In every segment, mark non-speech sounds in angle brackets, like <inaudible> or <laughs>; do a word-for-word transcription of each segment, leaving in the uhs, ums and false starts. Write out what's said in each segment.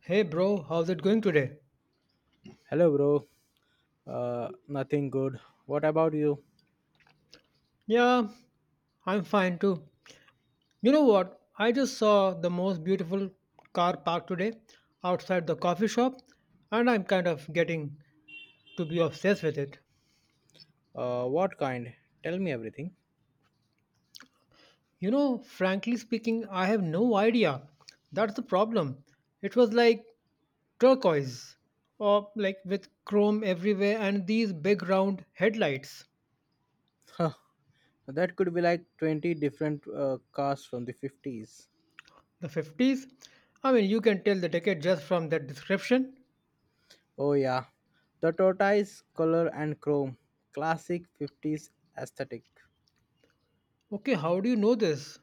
Hey bro, how's it going today? Hello, bro. Uh, nothing good. What about you? Yeah, I'm fine too. You know what? I just saw the most beautiful car parked today outside the coffee shop, and I'm kind of getting to be obsessed with it. Uh, what kind? Tell me everything. <laughs> You know, frankly speaking, I have no idea. That's the problem. It was like turquoise, or like with chrome everywhere, and these big round headlights. Huh. That could be like twenty different uh, cars from the fifties. The fifties? I mean, you can tell the decade just from that description. Oh, yeah. The tortoise color and chrome. Classic fifties aesthetic. Okay, how do you know this?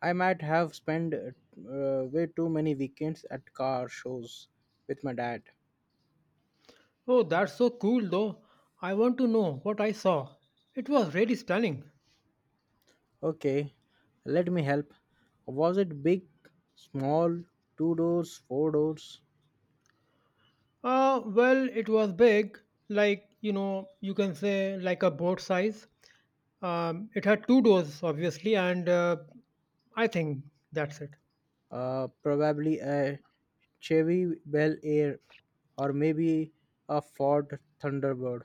I might have spent uh, way too many weekends at car shows with my dad. Oh, that's so cool though. I want to know what I saw. It was really stunning. Okay, let me help. Was it big, small, two doors, four doors? Uh, well, it was big, like, you know, you can say like a boat size. Um, it had two doors, obviously, and uh, I think that's it. Uh, probably a Chevy Bel Air or maybe a Ford Thunderbird.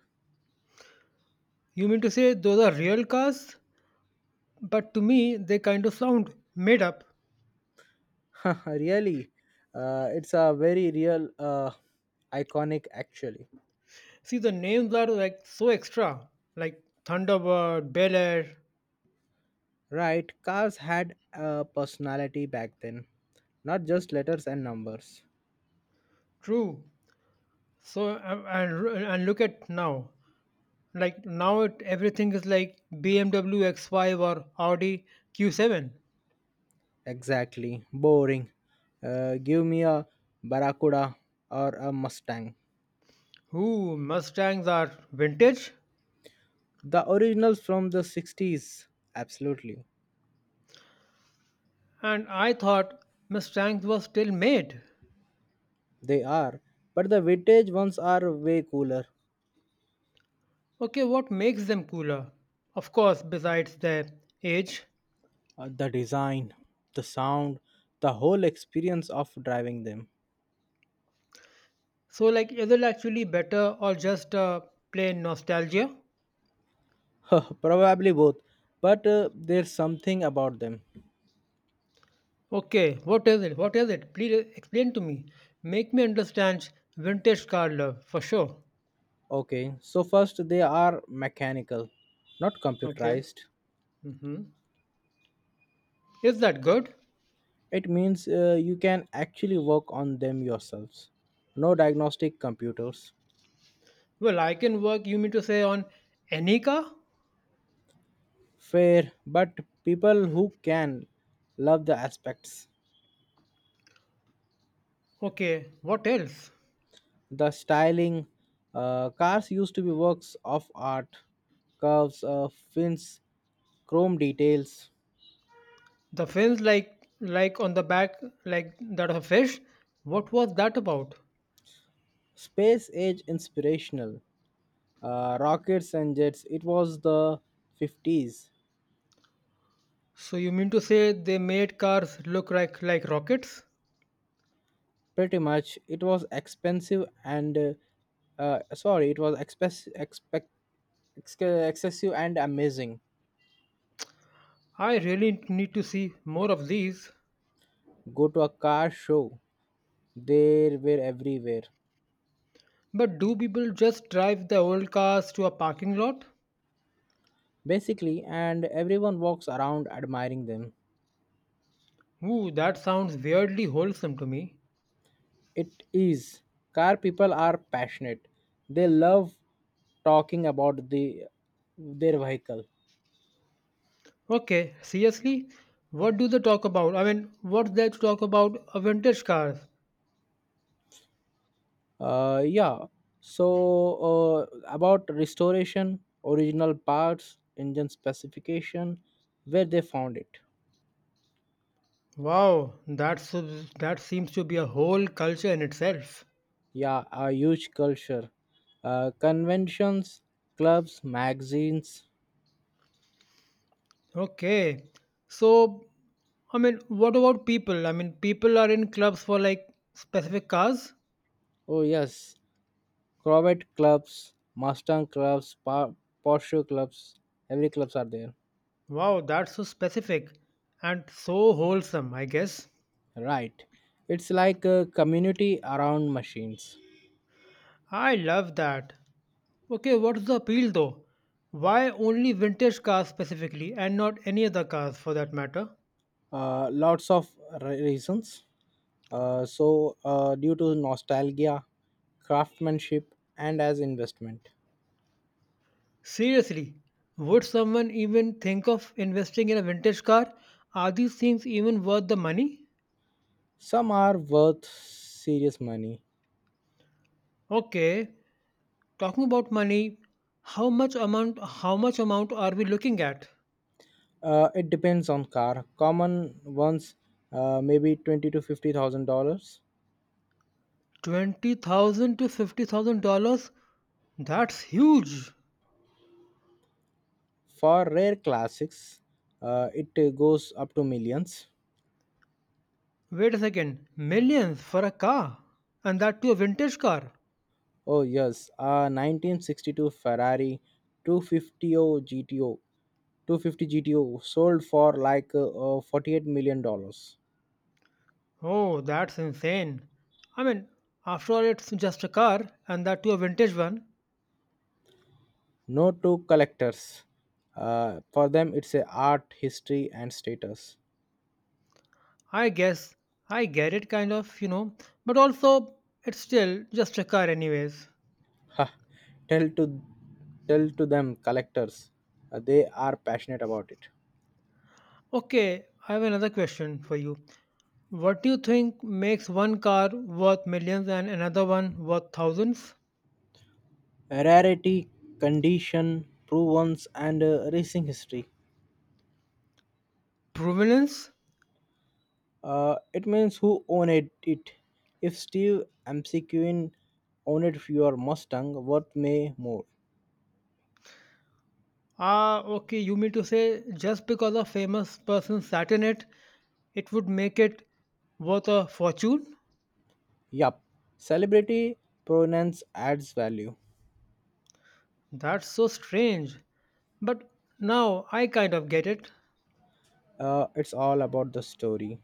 You mean to say those are real cars? But to me, they kind of sound made up. <laughs> Really, uh, it's a very real, uh, iconic actually. See, the names are like so extra, like Thunderbird, Bel Air. Right, cars had a personality back then, not just letters and numbers. True. So, uh, and, and look at now. Like now, it, everything is like B M W X five or Audi Q seven. Exactly, boring. Uh, give me a Barracuda or a Mustang. Ooh, Mustangs are vintage? The originals from the sixties, absolutely. And I thought Mustangs were still made. They are, but the vintage ones are way cooler. Okay, what makes them cooler? Of course, besides their age. Uh, the design, the sound, the whole experience of driving them. So, like, is it actually better or just uh, plain nostalgia? <laughs> Probably both, but uh, there's something about them. Okay, what is it? What is it? Please explain to me. Make me understand vintage car love for sure. Okay, so first they are mechanical, not Okay. computerized. hmm Is that good? It means uh, you can actually work on them yourselves. No diagnostic computers. Well, I can work, you mean to say, on any car? Fair, but people who can love the aspects. Okay, what else? The styling. Uh, cars used to be works of art, curves, uh, fins, chrome details, The fins like like on the back like that of a fish? What was that about? space age inspirational, uh, rockets and jets. It was the fifties. So you mean to say they made cars look like like rockets? Pretty much. It was expensive and uh, uh, sorry, it was expec- expec- ex- excessive and amazing. I really need to see more of these. Go to a car show. They were everywhere. But do people just drive the old cars to a parking lot? Basically, and everyone walks around admiring them. Ooh, that sounds weirdly wholesome to me. It is. Car people are passionate. They love talking about the their vehicle. Okay, seriously? What do they talk about? I mean, what's there to talk about a vintage cars? Uh, yeah. So, uh, about restoration, original parts, engine specification, where they found it. Wow, that's that seems to be a whole culture in itself. Yeah, a huge culture. Uh, conventions, clubs, magazines. Okay. So, I mean, what about people? I mean, people are in clubs for like specific cars. Oh yes, Corvette clubs, Mustang clubs, Pa- Porsche clubs. Every clubs are there. Wow, that's so specific and so wholesome, I guess. Right. It's like a community around machines. I love that. Okay, what's the appeal though? Why only vintage cars specifically and not any other cars for that matter? Uh, lots of re- reasons. Uh, so, uh, due to nostalgia, craftsmanship, and as investment. Seriously, would someone even think of investing in a vintage car? Are these things even worth the money? Some are worth serious money. Okay, talking about money, how much amount how much amount are we looking at? Uh, it depends on car. Common ones, uh, maybe twenty to fifty thousand dollars. twenty thousand to fifty thousand dollars? That's huge. For rare classics, uh, it uh, goes up to millions. Wait a second, millions for a car? And that to a vintage car? Oh yes, a nineteen sixty-two Ferrari two fifty G T O 250 GTO sold for like uh, uh, forty-eight million dollars. Oh, that's insane. I mean, after all, it's just a car, and that to a vintage one. No to collectors. Uh, for them, it's a art, history, and status. I guess I get it, kind of, you know, but also it's still just a car, anyways. Ha! Tell to tell to them collectors. Uh, they are passionate about it. Okay, I have another question for you. What do you think makes one car worth millions and another one worth thousands? Rarity, condition, provenance, and uh, racing history. Provenance? Uh, it means who owned it. If Steve McQueen owned your Mustang, worth may more. Ah, okay, you mean to say just because a famous person sat in it, it would make it worth a fortune? Yup, celebrity provenance adds value. That's so strange. But now I kind of get it. Uh, it's all about the story.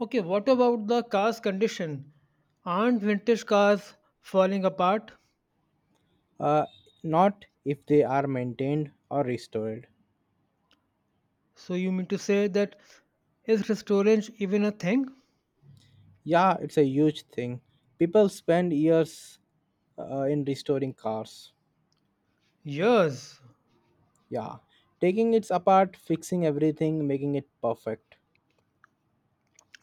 Okay, what about the car's condition? Aren't vintage cars falling apart? uh, Not if they are maintained or restored. So you mean to say that is restorange even a thing? Yeah, it's a huge thing. People spend years uh, in restoring cars. Yes. Yeah, taking it apart, fixing everything, making it perfect.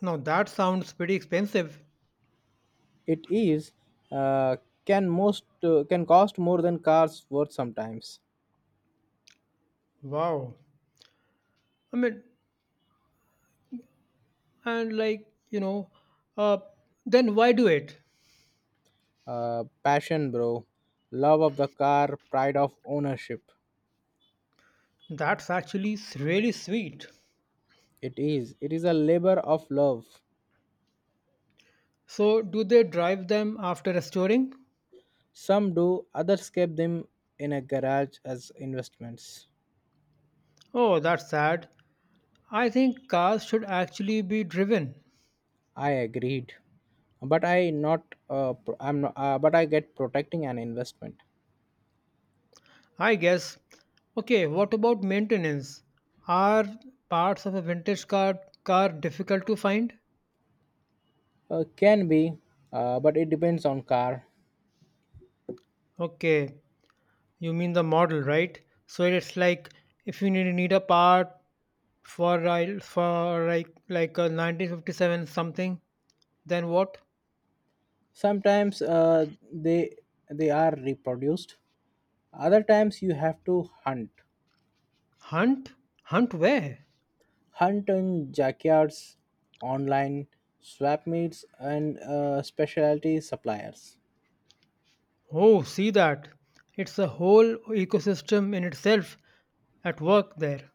Now that sounds pretty expensive. It is, uh, can most uh, can cost more than cars worth sometimes. Wow. I mean, and like, you know, uh, then why do it? Uh, passion, bro, love of the car, pride of ownership. That's actually s- really sweet. It is. It is a labor of love. So, do they drive them after restoring? Some do, others keep them in a garage as investments. Oh, that's sad. I think cars should actually be driven. I agreed, but I not. Uh, pro- I'm not. Uh, but I get protecting an investment. I guess. Okay, what about maintenance? Are parts of a vintage car car difficult to find? Uh, can be, uh, but it depends on car. Okay, you mean the model, right? So it's like if you need, need a part for a- for like like a nineteen fifty-seven something, then what? Sometimes uh, they they are reproduced. Other times you have to hunt. Hunt? Hunt where? Hunt in junkyards, online swap meets, and uh, specialty suppliers. Oh, see that? It's a whole ecosystem in itself at work there.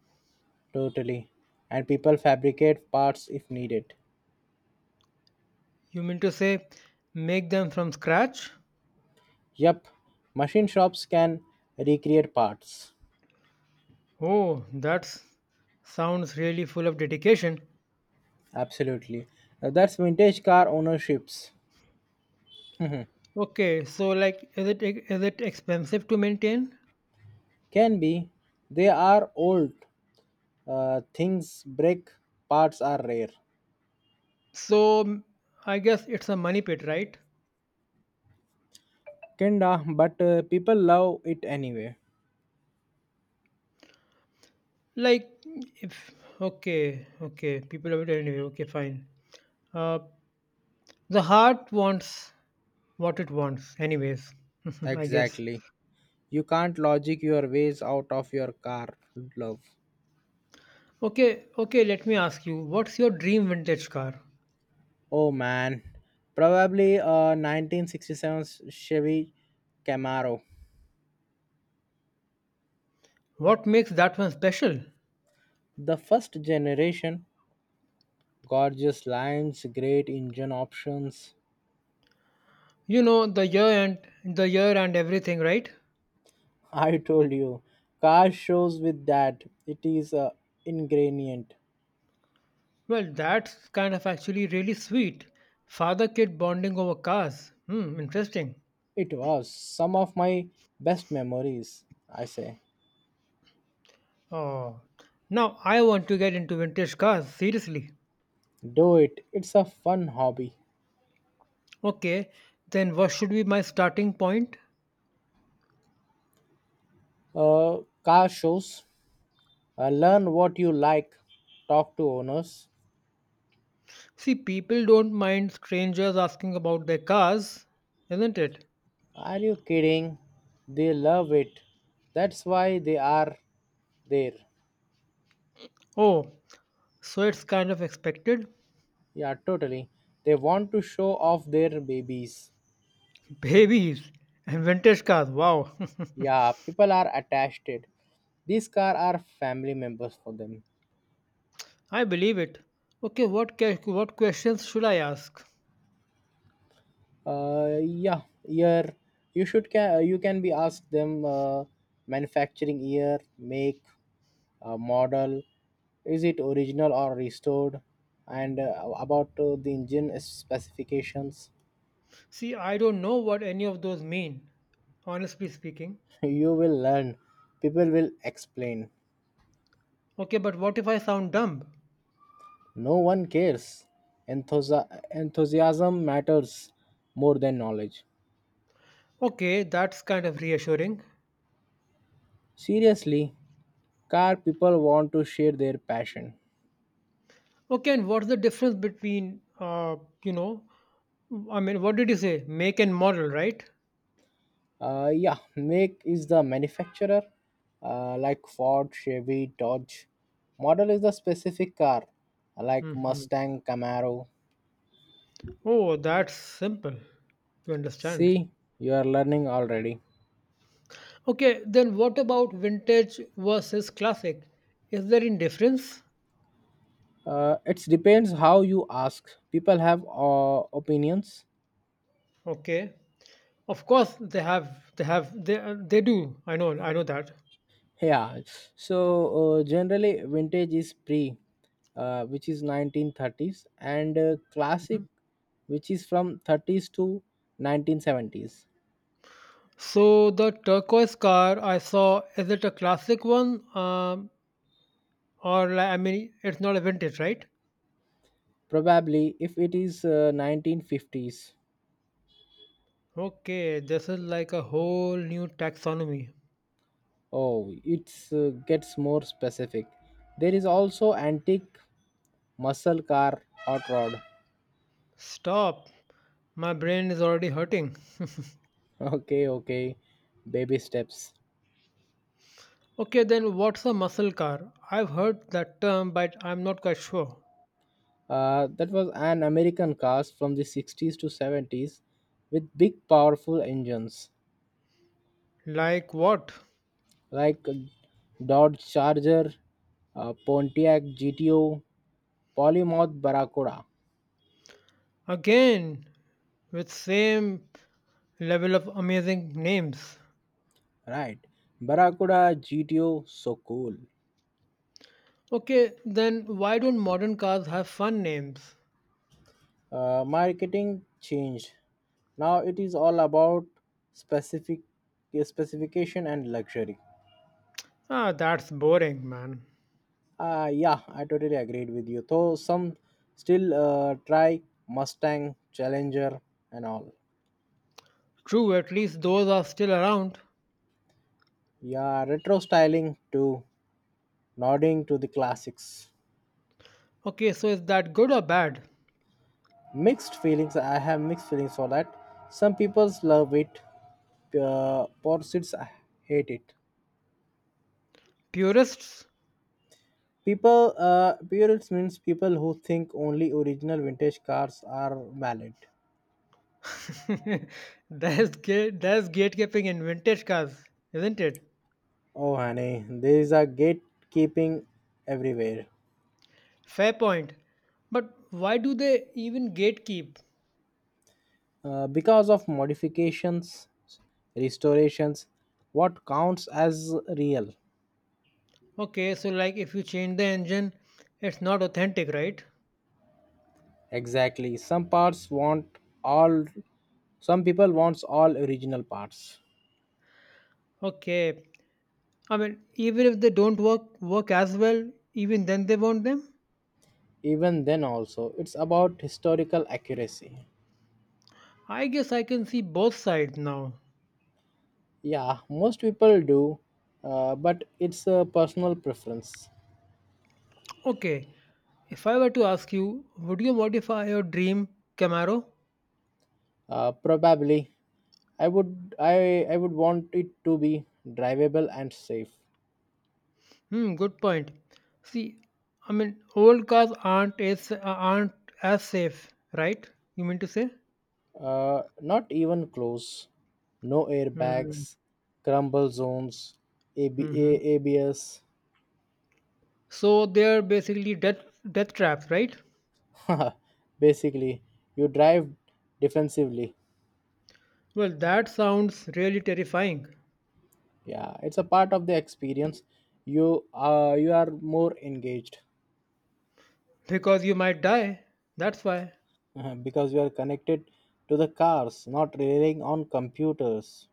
Totally. And people fabricate parts if needed. You mean to say make them from scratch? Yup, machine shops can recreate parts. Oh, that sounds really full of dedication. Absolutely. Uh, That's vintage car ownerships. Okay, so like, is it is it expensive to maintain? Can be. They are old. Uh, things break, parts are rare. So m- I guess it's a money pit, right? Kinda, but uh, people love it anyway. Like, if okay, okay, people have it anyway. Okay, fine. Uh, the heart wants what it wants, anyways. <laughs> I guess. Exactly. You can't logic your ways out of your car love. Okay, okay. Let me ask you, what's your dream vintage car? Oh man. Probably a nineteen sixty-seven Chevy Camaro. What makes that one special? The first generation, gorgeous lines, great engine options. You know the year and the year and everything, right? <laughs> I told you, car shows with that. It is a ingredient. Well, that's kind of actually really sweet. Father kid bonding over cars. Hmm, interesting. It was some of my best memories. I say, Oh, now I want to get into vintage cars, seriously. do it. It's a fun hobby. Okay, then what should be my starting point? Uh, Car shows. Uh, learn what you like. Talk to owners. See, people don't mind strangers asking about their cars, isn't it? Are you kidding? They love it. That's why they are there. Oh, so it's kind of expected. Yeah, totally. They want to show off their babies. <laughs> Babies and vintage cars, wow. <laughs> Yeah, people are attached it. These car are family members for them. I believe it. Okay, what, que- what questions should I ask? Uh, yeah, year. You should, can you can be asked them, uh, manufacturing year, make, uh, model. Is it original or restored? And uh, about uh, the engine specifications. See, I don't know what any of those mean, honestly speaking. <laughs> You will learn. People will explain. Okay, but what if I sound dumb? No one cares. Enthusi- enthusiasm matters more than knowledge. Okay, that's kind of reassuring. Seriously, car people want to share their passion. Okay, and what's the difference between, uh, you know, I mean, what did you say? Make and model, right? Uh, yeah, make is the manufacturer, uh, like Ford, Chevy, Dodge. Model is the specific car, like hmm Mustang, Camaro. Oh, that's simple to understand. See, you are learning already. Okay, then what about vintage versus classic? Is there any difference? Uh, it depends how you ask. People have uh, opinions. Okay, of course they have, they have, they uh, they do. I know, I know that. Yeah, so uh, generally vintage is pre, uh, which is nineteen thirties, and uh, classic, which is from thirties to nineteen seventies. So the turquoise car I saw, is it a classic one? Um, or like, I mean, it's not a vintage, right? Probably, if it is uh, nineteen fifties. Okay, this is like a whole new taxonomy. Oh, it's uh, gets more specific. There is also antique muscle car hot rod. <laughs> Stop. My brain is already hurting. <laughs> Okay, okay, baby steps. Okay, then what's a muscle car? I've heard that term, but I'm not quite sure. Uh, that was an American cars from the sixties to seventies with big, powerful engines. Like what? Like Dodge Charger, uh, Pontiac G T O, Polymouth Barracuda. Again, with same level of amazing names. Right, Barracuda G T O, so cool. Okay, then why don't modern cars have fun names? Uh, marketing changed. Now it is all about specific specification and luxury. Ah, that's boring, man. Uh, yeah, I totally agreed with you. Though some still uh, try Mustang, Challenger, and all. True, at least those are still around. Yeah, retro styling too, nodding to the classics. Okay, so is that good or bad? Mixed feelings. I have mixed feelings for that. Some people love it. Uh, purists hate it. Purists? People, uh, purists means people who think only original vintage cars are valid. <laughs> there's, gate, there's gatekeeping in vintage cars, isn't it? Oh, honey, there is a gatekeeping everywhere. Fair point. But why do they even gatekeep? Uh, because of modifications, restorations, what counts as real? Okay, so like if you change the engine, it's not authentic, right? Exactly. Some parts want all, some people wants all original parts. Okay. I mean, even if they don't work work as well, even then they want them. Even then also it's about historical accuracy. I guess I can see both sides now. Yeah, most people do, uh, but it's a personal preference. Okay, if I were to ask you, would you modify your dream Camaro? Uh, probably, i would i i would want it to be drivable and safe. Hmm, good point. See, I mean, old cars aren't as uh, aren't as safe, right? You mean to say? Uh, not even close. No Hmm. airbags, crumble zones, AB, hmm abs. So they're basically death death traps, right? <laughs> Basically, you drive defensively. Well, that sounds really terrifying Yeah, it's a part of the experience. You uh, you are more engaged. because you might die. That's why. Uh, because you are connected to the cars, not relying on computers.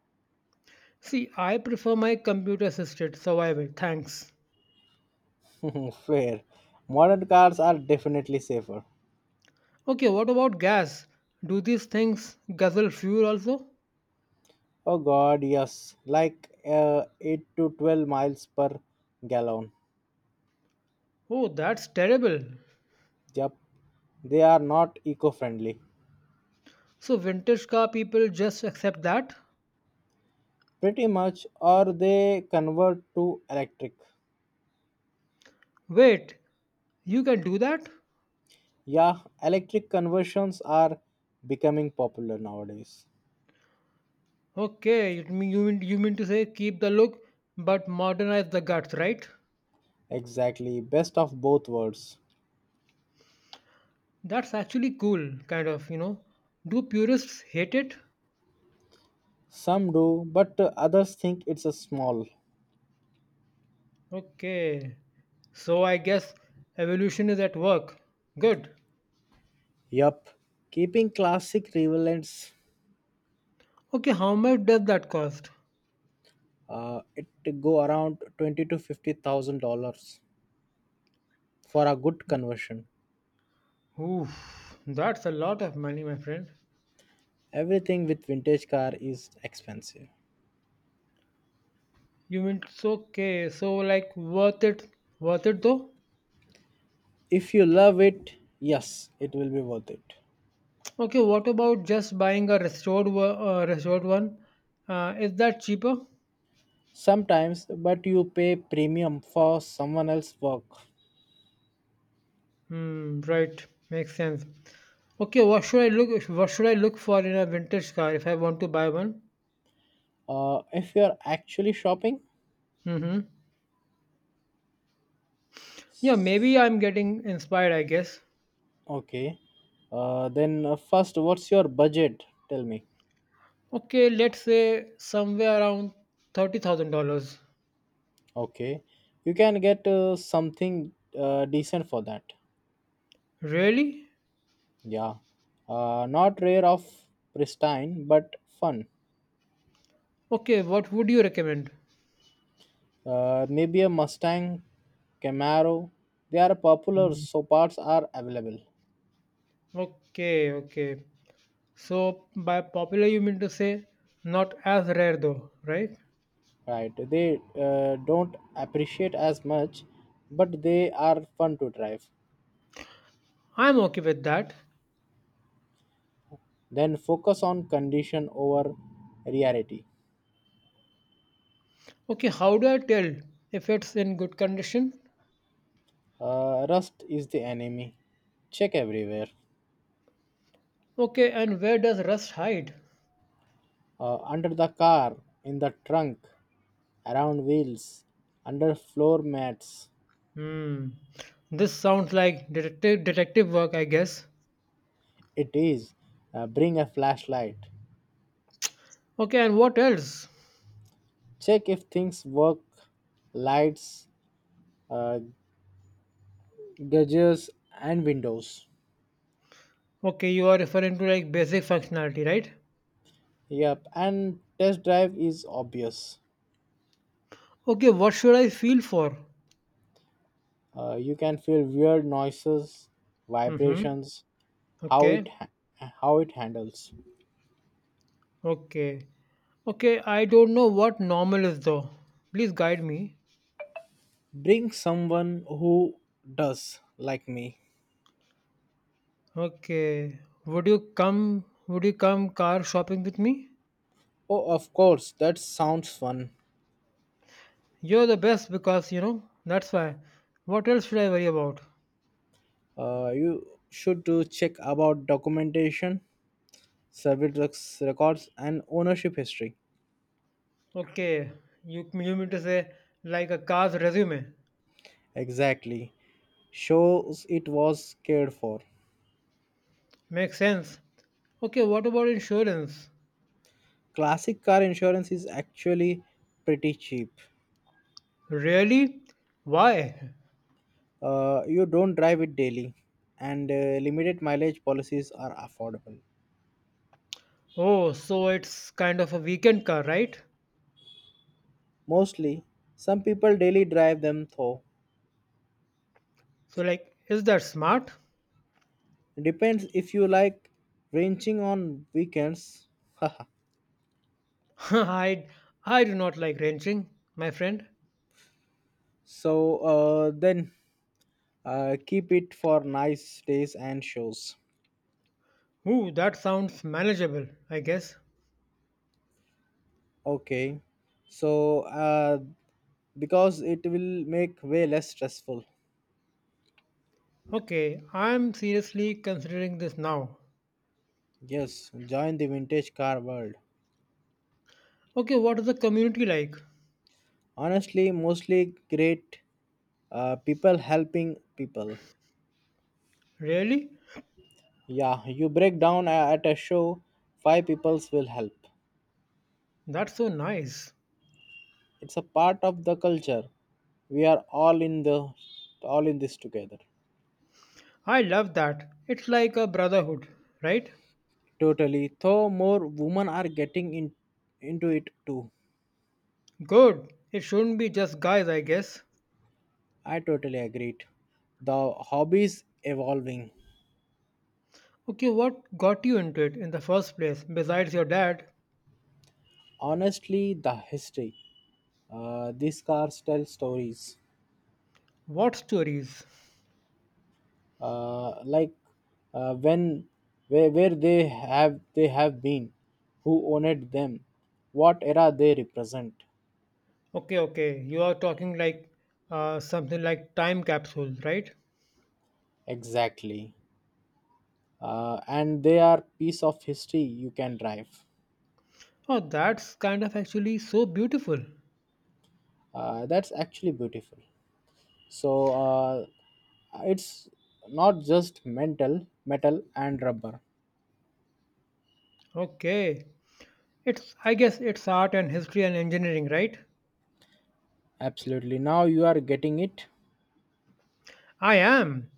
See, I prefer my computer assisted survival. Thanks. <laughs> Fair. Modern cars are definitely safer. Okay, what about gas? Do these things guzzle fuel also? Oh god, yes. Like uh, eight to twelve miles per gallon. Oh, that's terrible. Yep. They are not eco friendly. So, vintage car people just accept that? Pretty much, or they convert to electric. Wait, you can do that? Yeah, electric conversions are becoming popular nowadays. Okay, you mean, you mean, you mean to say keep the look but modernize the guts, right? Exactly. Best of both worlds. That's actually cool, kind of, you know. Do purists hate it? Some do, but uh, others think it's a small. Okay, so I guess evolution is at work. Good. Yup, keeping classic relevance. Okay, how much does that cost? Uh, it go around twenty to fifty thousand dollars for a good conversion. Oof, that's a lot of money, my friend. Everything with vintage car is expensive. You mean it's okay, so like worth it, worth it though? If you love it, yes, it will be worth it. Okay, what about just buying a restored wo- uh, restored one? Uh, is that cheaper? Sometimes, but you pay premium for someone else's work. Hmm, right, makes sense. Okay, what should I look what should I look for in a vintage car if I want to buy one? Uh, if you are actually shopping, Mm-hmm. Yeah, maybe I'm getting inspired, I guess. okay. Uh, then uh, first, what's your budget? Tell me. Okay, let's say somewhere around thirty thousand dollars. Okay, you can get uh, something uh, decent for that. Really? Yeah, uh, not rare of pristine, but fun. Okay, what would you recommend? Uh, maybe a Mustang, Camaro. They are popular, so parts are available. Okay, okay. So by popular you mean to say not as rare though, right? Right, they uh, don't appreciate as much, but they are fun to drive. I'm okay with that. Then focus on condition over rarity. Okay, how do I tell if it's in good condition? Uh, rust is the enemy. Check everywhere. Okay, and where does rust hide? Uh, under the car, in the trunk, around wheels, under floor mats. Hmm, this sounds like detective detective work, I guess. It is, uh, bring a flashlight. Okay, and what else? Check if things work, lights, uh, gauges, and windows. Okay, you are referring to like basic functionality, right? Yep, and test drive is obvious. Okay, what should I feel for? Uh, you can feel weird noises, Mm-hmm. vibrations, how it Okay, ha- how it handles. okay, okay. I don't know what normal is though. Please guide me. Bring someone who does like me. Okay, would you come? Would you come car shopping with me? Oh, of course, that sounds fun. You're the best because you know that's why. What else should I worry about? Uh, you should do check about documentation, service rec- records, and ownership history. Okay, you you mean to say like a car's resume? Exactly. Shows it was cared for. Makes sense. Okay, what about insurance? Classic car insurance is actually pretty cheap. Really? Why? Uh, you don't drive it daily, and uh, limited mileage policies are affordable. Oh, so it's kind of a weekend car, right? Mostly, some people daily drive them though. So like, is that smart? Depends if you like wrenching on weekends. <laughs> I I do not like wrenching, my friend. <laughs> So, uh, then uh, keep it for nice days and shows. Ooh, that sounds manageable, I guess. Okay, so uh, because it will make way less stressful. Okay, I'm seriously considering this now. Yes, join the vintage car world. Okay, what is the community like? Honestly, mostly great uh, people helping people. Really? Yeah, you break down a- at a show, five peoples will help. That's so nice. It's a part of the culture. We are all in the all in this together. I love that. It's like a brotherhood, right? Totally. Though more women are getting in, into it too. Good. It shouldn't be just guys, I guess. I totally agreed. The hobbies evolving. Okay, what got you into it in the first place besides your dad? Honestly, the history. Uh, these cars tell stories, What stories? uh, like uh, when where, where they have they have been, who owned them, what era they represent. Okay, okay. You are talking like uh, something like time capsule, right? Exactly. Uh, and they are piece of history you can drive. Oh, that's kind of actually so beautiful. Uh, that's actually beautiful. So, uh, it's not just mental metal and rubber. Okay. It's I guess it's art and history and engineering, right? Absolutely. Now you are getting it. I am.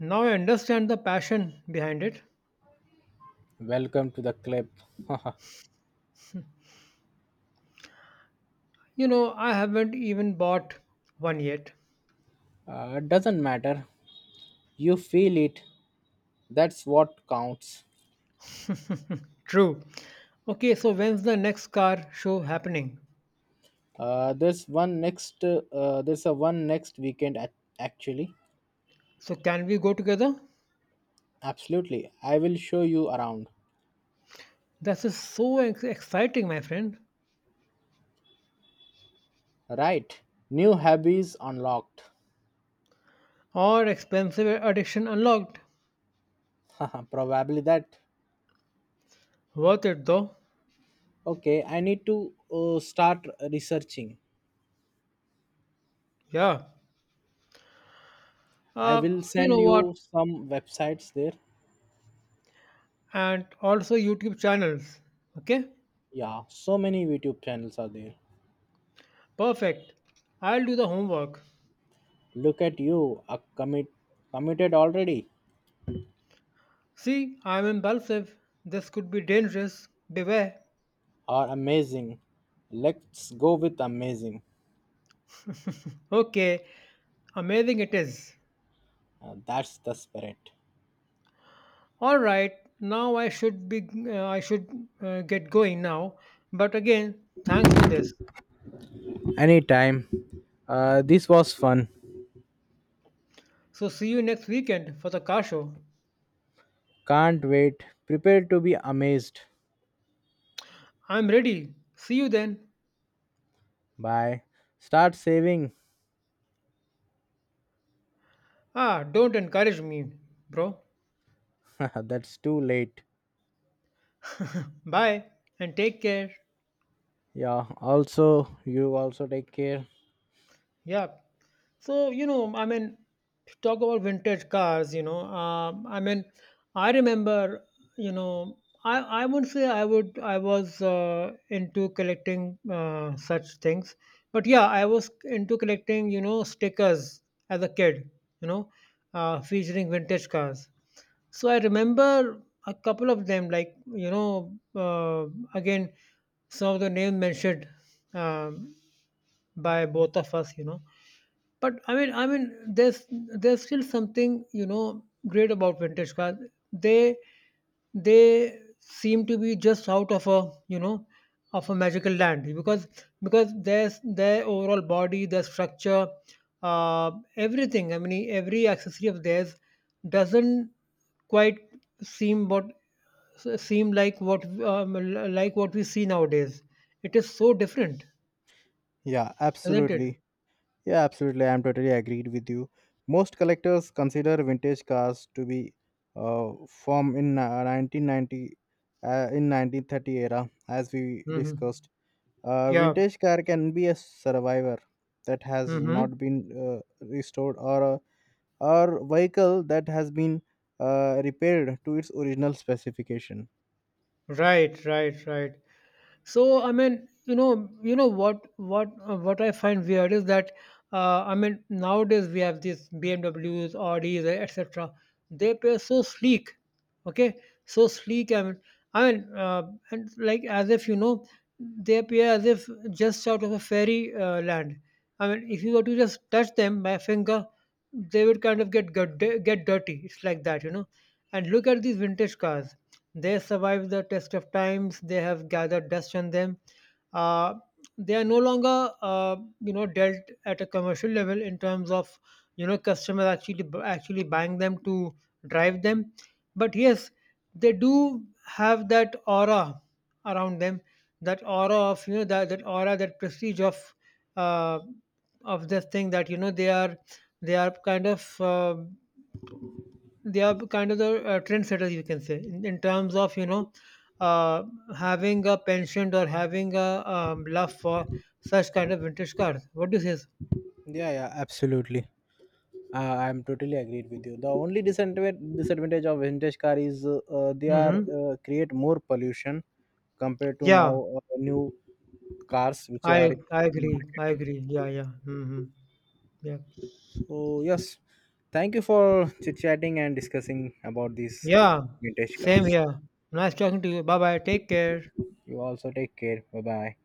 Now I understand the passion behind it. Welcome to the club. <laughs> uh, You know, I haven't even bought one yet. it doesn't matter. You feel it. That's what counts. True. Okay, so when's the next car show happening? Uh, there's one next. Uh, there's a one next weekend, ac- actually. So can we go together? Absolutely, I will show you around. This is so ex- exciting, my friend. Right. New hobbies unlocked. Or expensive addiction unlocked. <laughs> Probably that. Worth it though. Okay, I need to uh, start researching. Yeah. I Uh, will you know send what? you some websites there. And also YouTube channels. Okay? Yeah, so many YouTube channels are there. Perfect. I'll do the homework. Look at you, a commit committed already. See, I'm impulsive. This could be dangerous. Beware. Are amazing. Let's go with amazing. Okay. Amazing it is. Uh, that's the spirit. All right, now i should be uh, i should uh, get going now, but again, thanks for this. Anytime. Uh, this was fun. So see you next weekend for the car show. Can't wait. Prepare to be amazed. I'm ready. See you then. Bye. Start saving. Ah, don't encourage me, bro. <laughs> That's too late. Bye and take care. Yeah, also, you also take care. Yeah. So, you know, I mean, talk about vintage cars, you know, um, I mean, I remember, you know, I, I wouldn't say I would, I was uh, into collecting uh, such things, but yeah, I was into collecting, you know, stickers as a kid, you know, uh, featuring vintage cars. So I remember a couple of them, like, you know, uh, again, some of the names mentioned um, by both of us, you know. But I mean, I mean, there's there's still something you know great about vintage cars. They they seem to be just out of a you know of a magical land, because because there's their overall body, their structure, uh, everything. I mean, every accessory of theirs doesn't quite seem what seem like what um, like what we see nowadays. It is so different, Yeah, isn't it? absolutely. Yeah, absolutely. I'm totally agreed with you. Most collectors consider vintage cars to be uh, from, in uh, 1990 uh, in nineteen thirty era, as we discussed. Hmm. A Yeah. vintage car can be a survivor that has Hmm. not been uh, restored, or a or vehicle that has been uh, repaired to its original specification. Right, right, right. So I mean, you know, you know what what uh, what I find weird is that uh, I mean nowadays we have these B M Ws, Audis, et cetera. They appear so sleek, okay, so sleek. I mean, I mean, uh, and like as if you know, they appear as if just out of a fairy uh, land. I mean, if you were to just touch them by a finger, they would kind of get get get dirty. It's like that, you know. And look at these vintage cars. They survived the test of times. They have gathered dust on them. Uh, they are no longer, uh, you know, dealt at a commercial level in terms of, you know, customers actually actually buying them to drive them. But yes, they do have that aura around them, that aura of you know that that aura, that prestige of uh, of this thing that you know they are they are kind of. Uh, they are kind of the uh, trendsetters you can say in, in terms of you know uh, having a penchant or having a um, love for such kind of vintage cars. What do you say? Yeah, yeah, absolutely. Uh, I'm totally agreed with you. The only disadvantage disadvantage of vintage car is uh, uh, they are Mm-hmm. uh, create more pollution compared to now Yeah, uh, new cars which are i in i agree, I market. agree, yeah, yeah. Mm-hmm. Yeah, So yes, thank you for chit chatting and discussing about these yeah. vintage Same cars. here. Nice talking to you. Bye bye, take care. You also take care. Bye bye.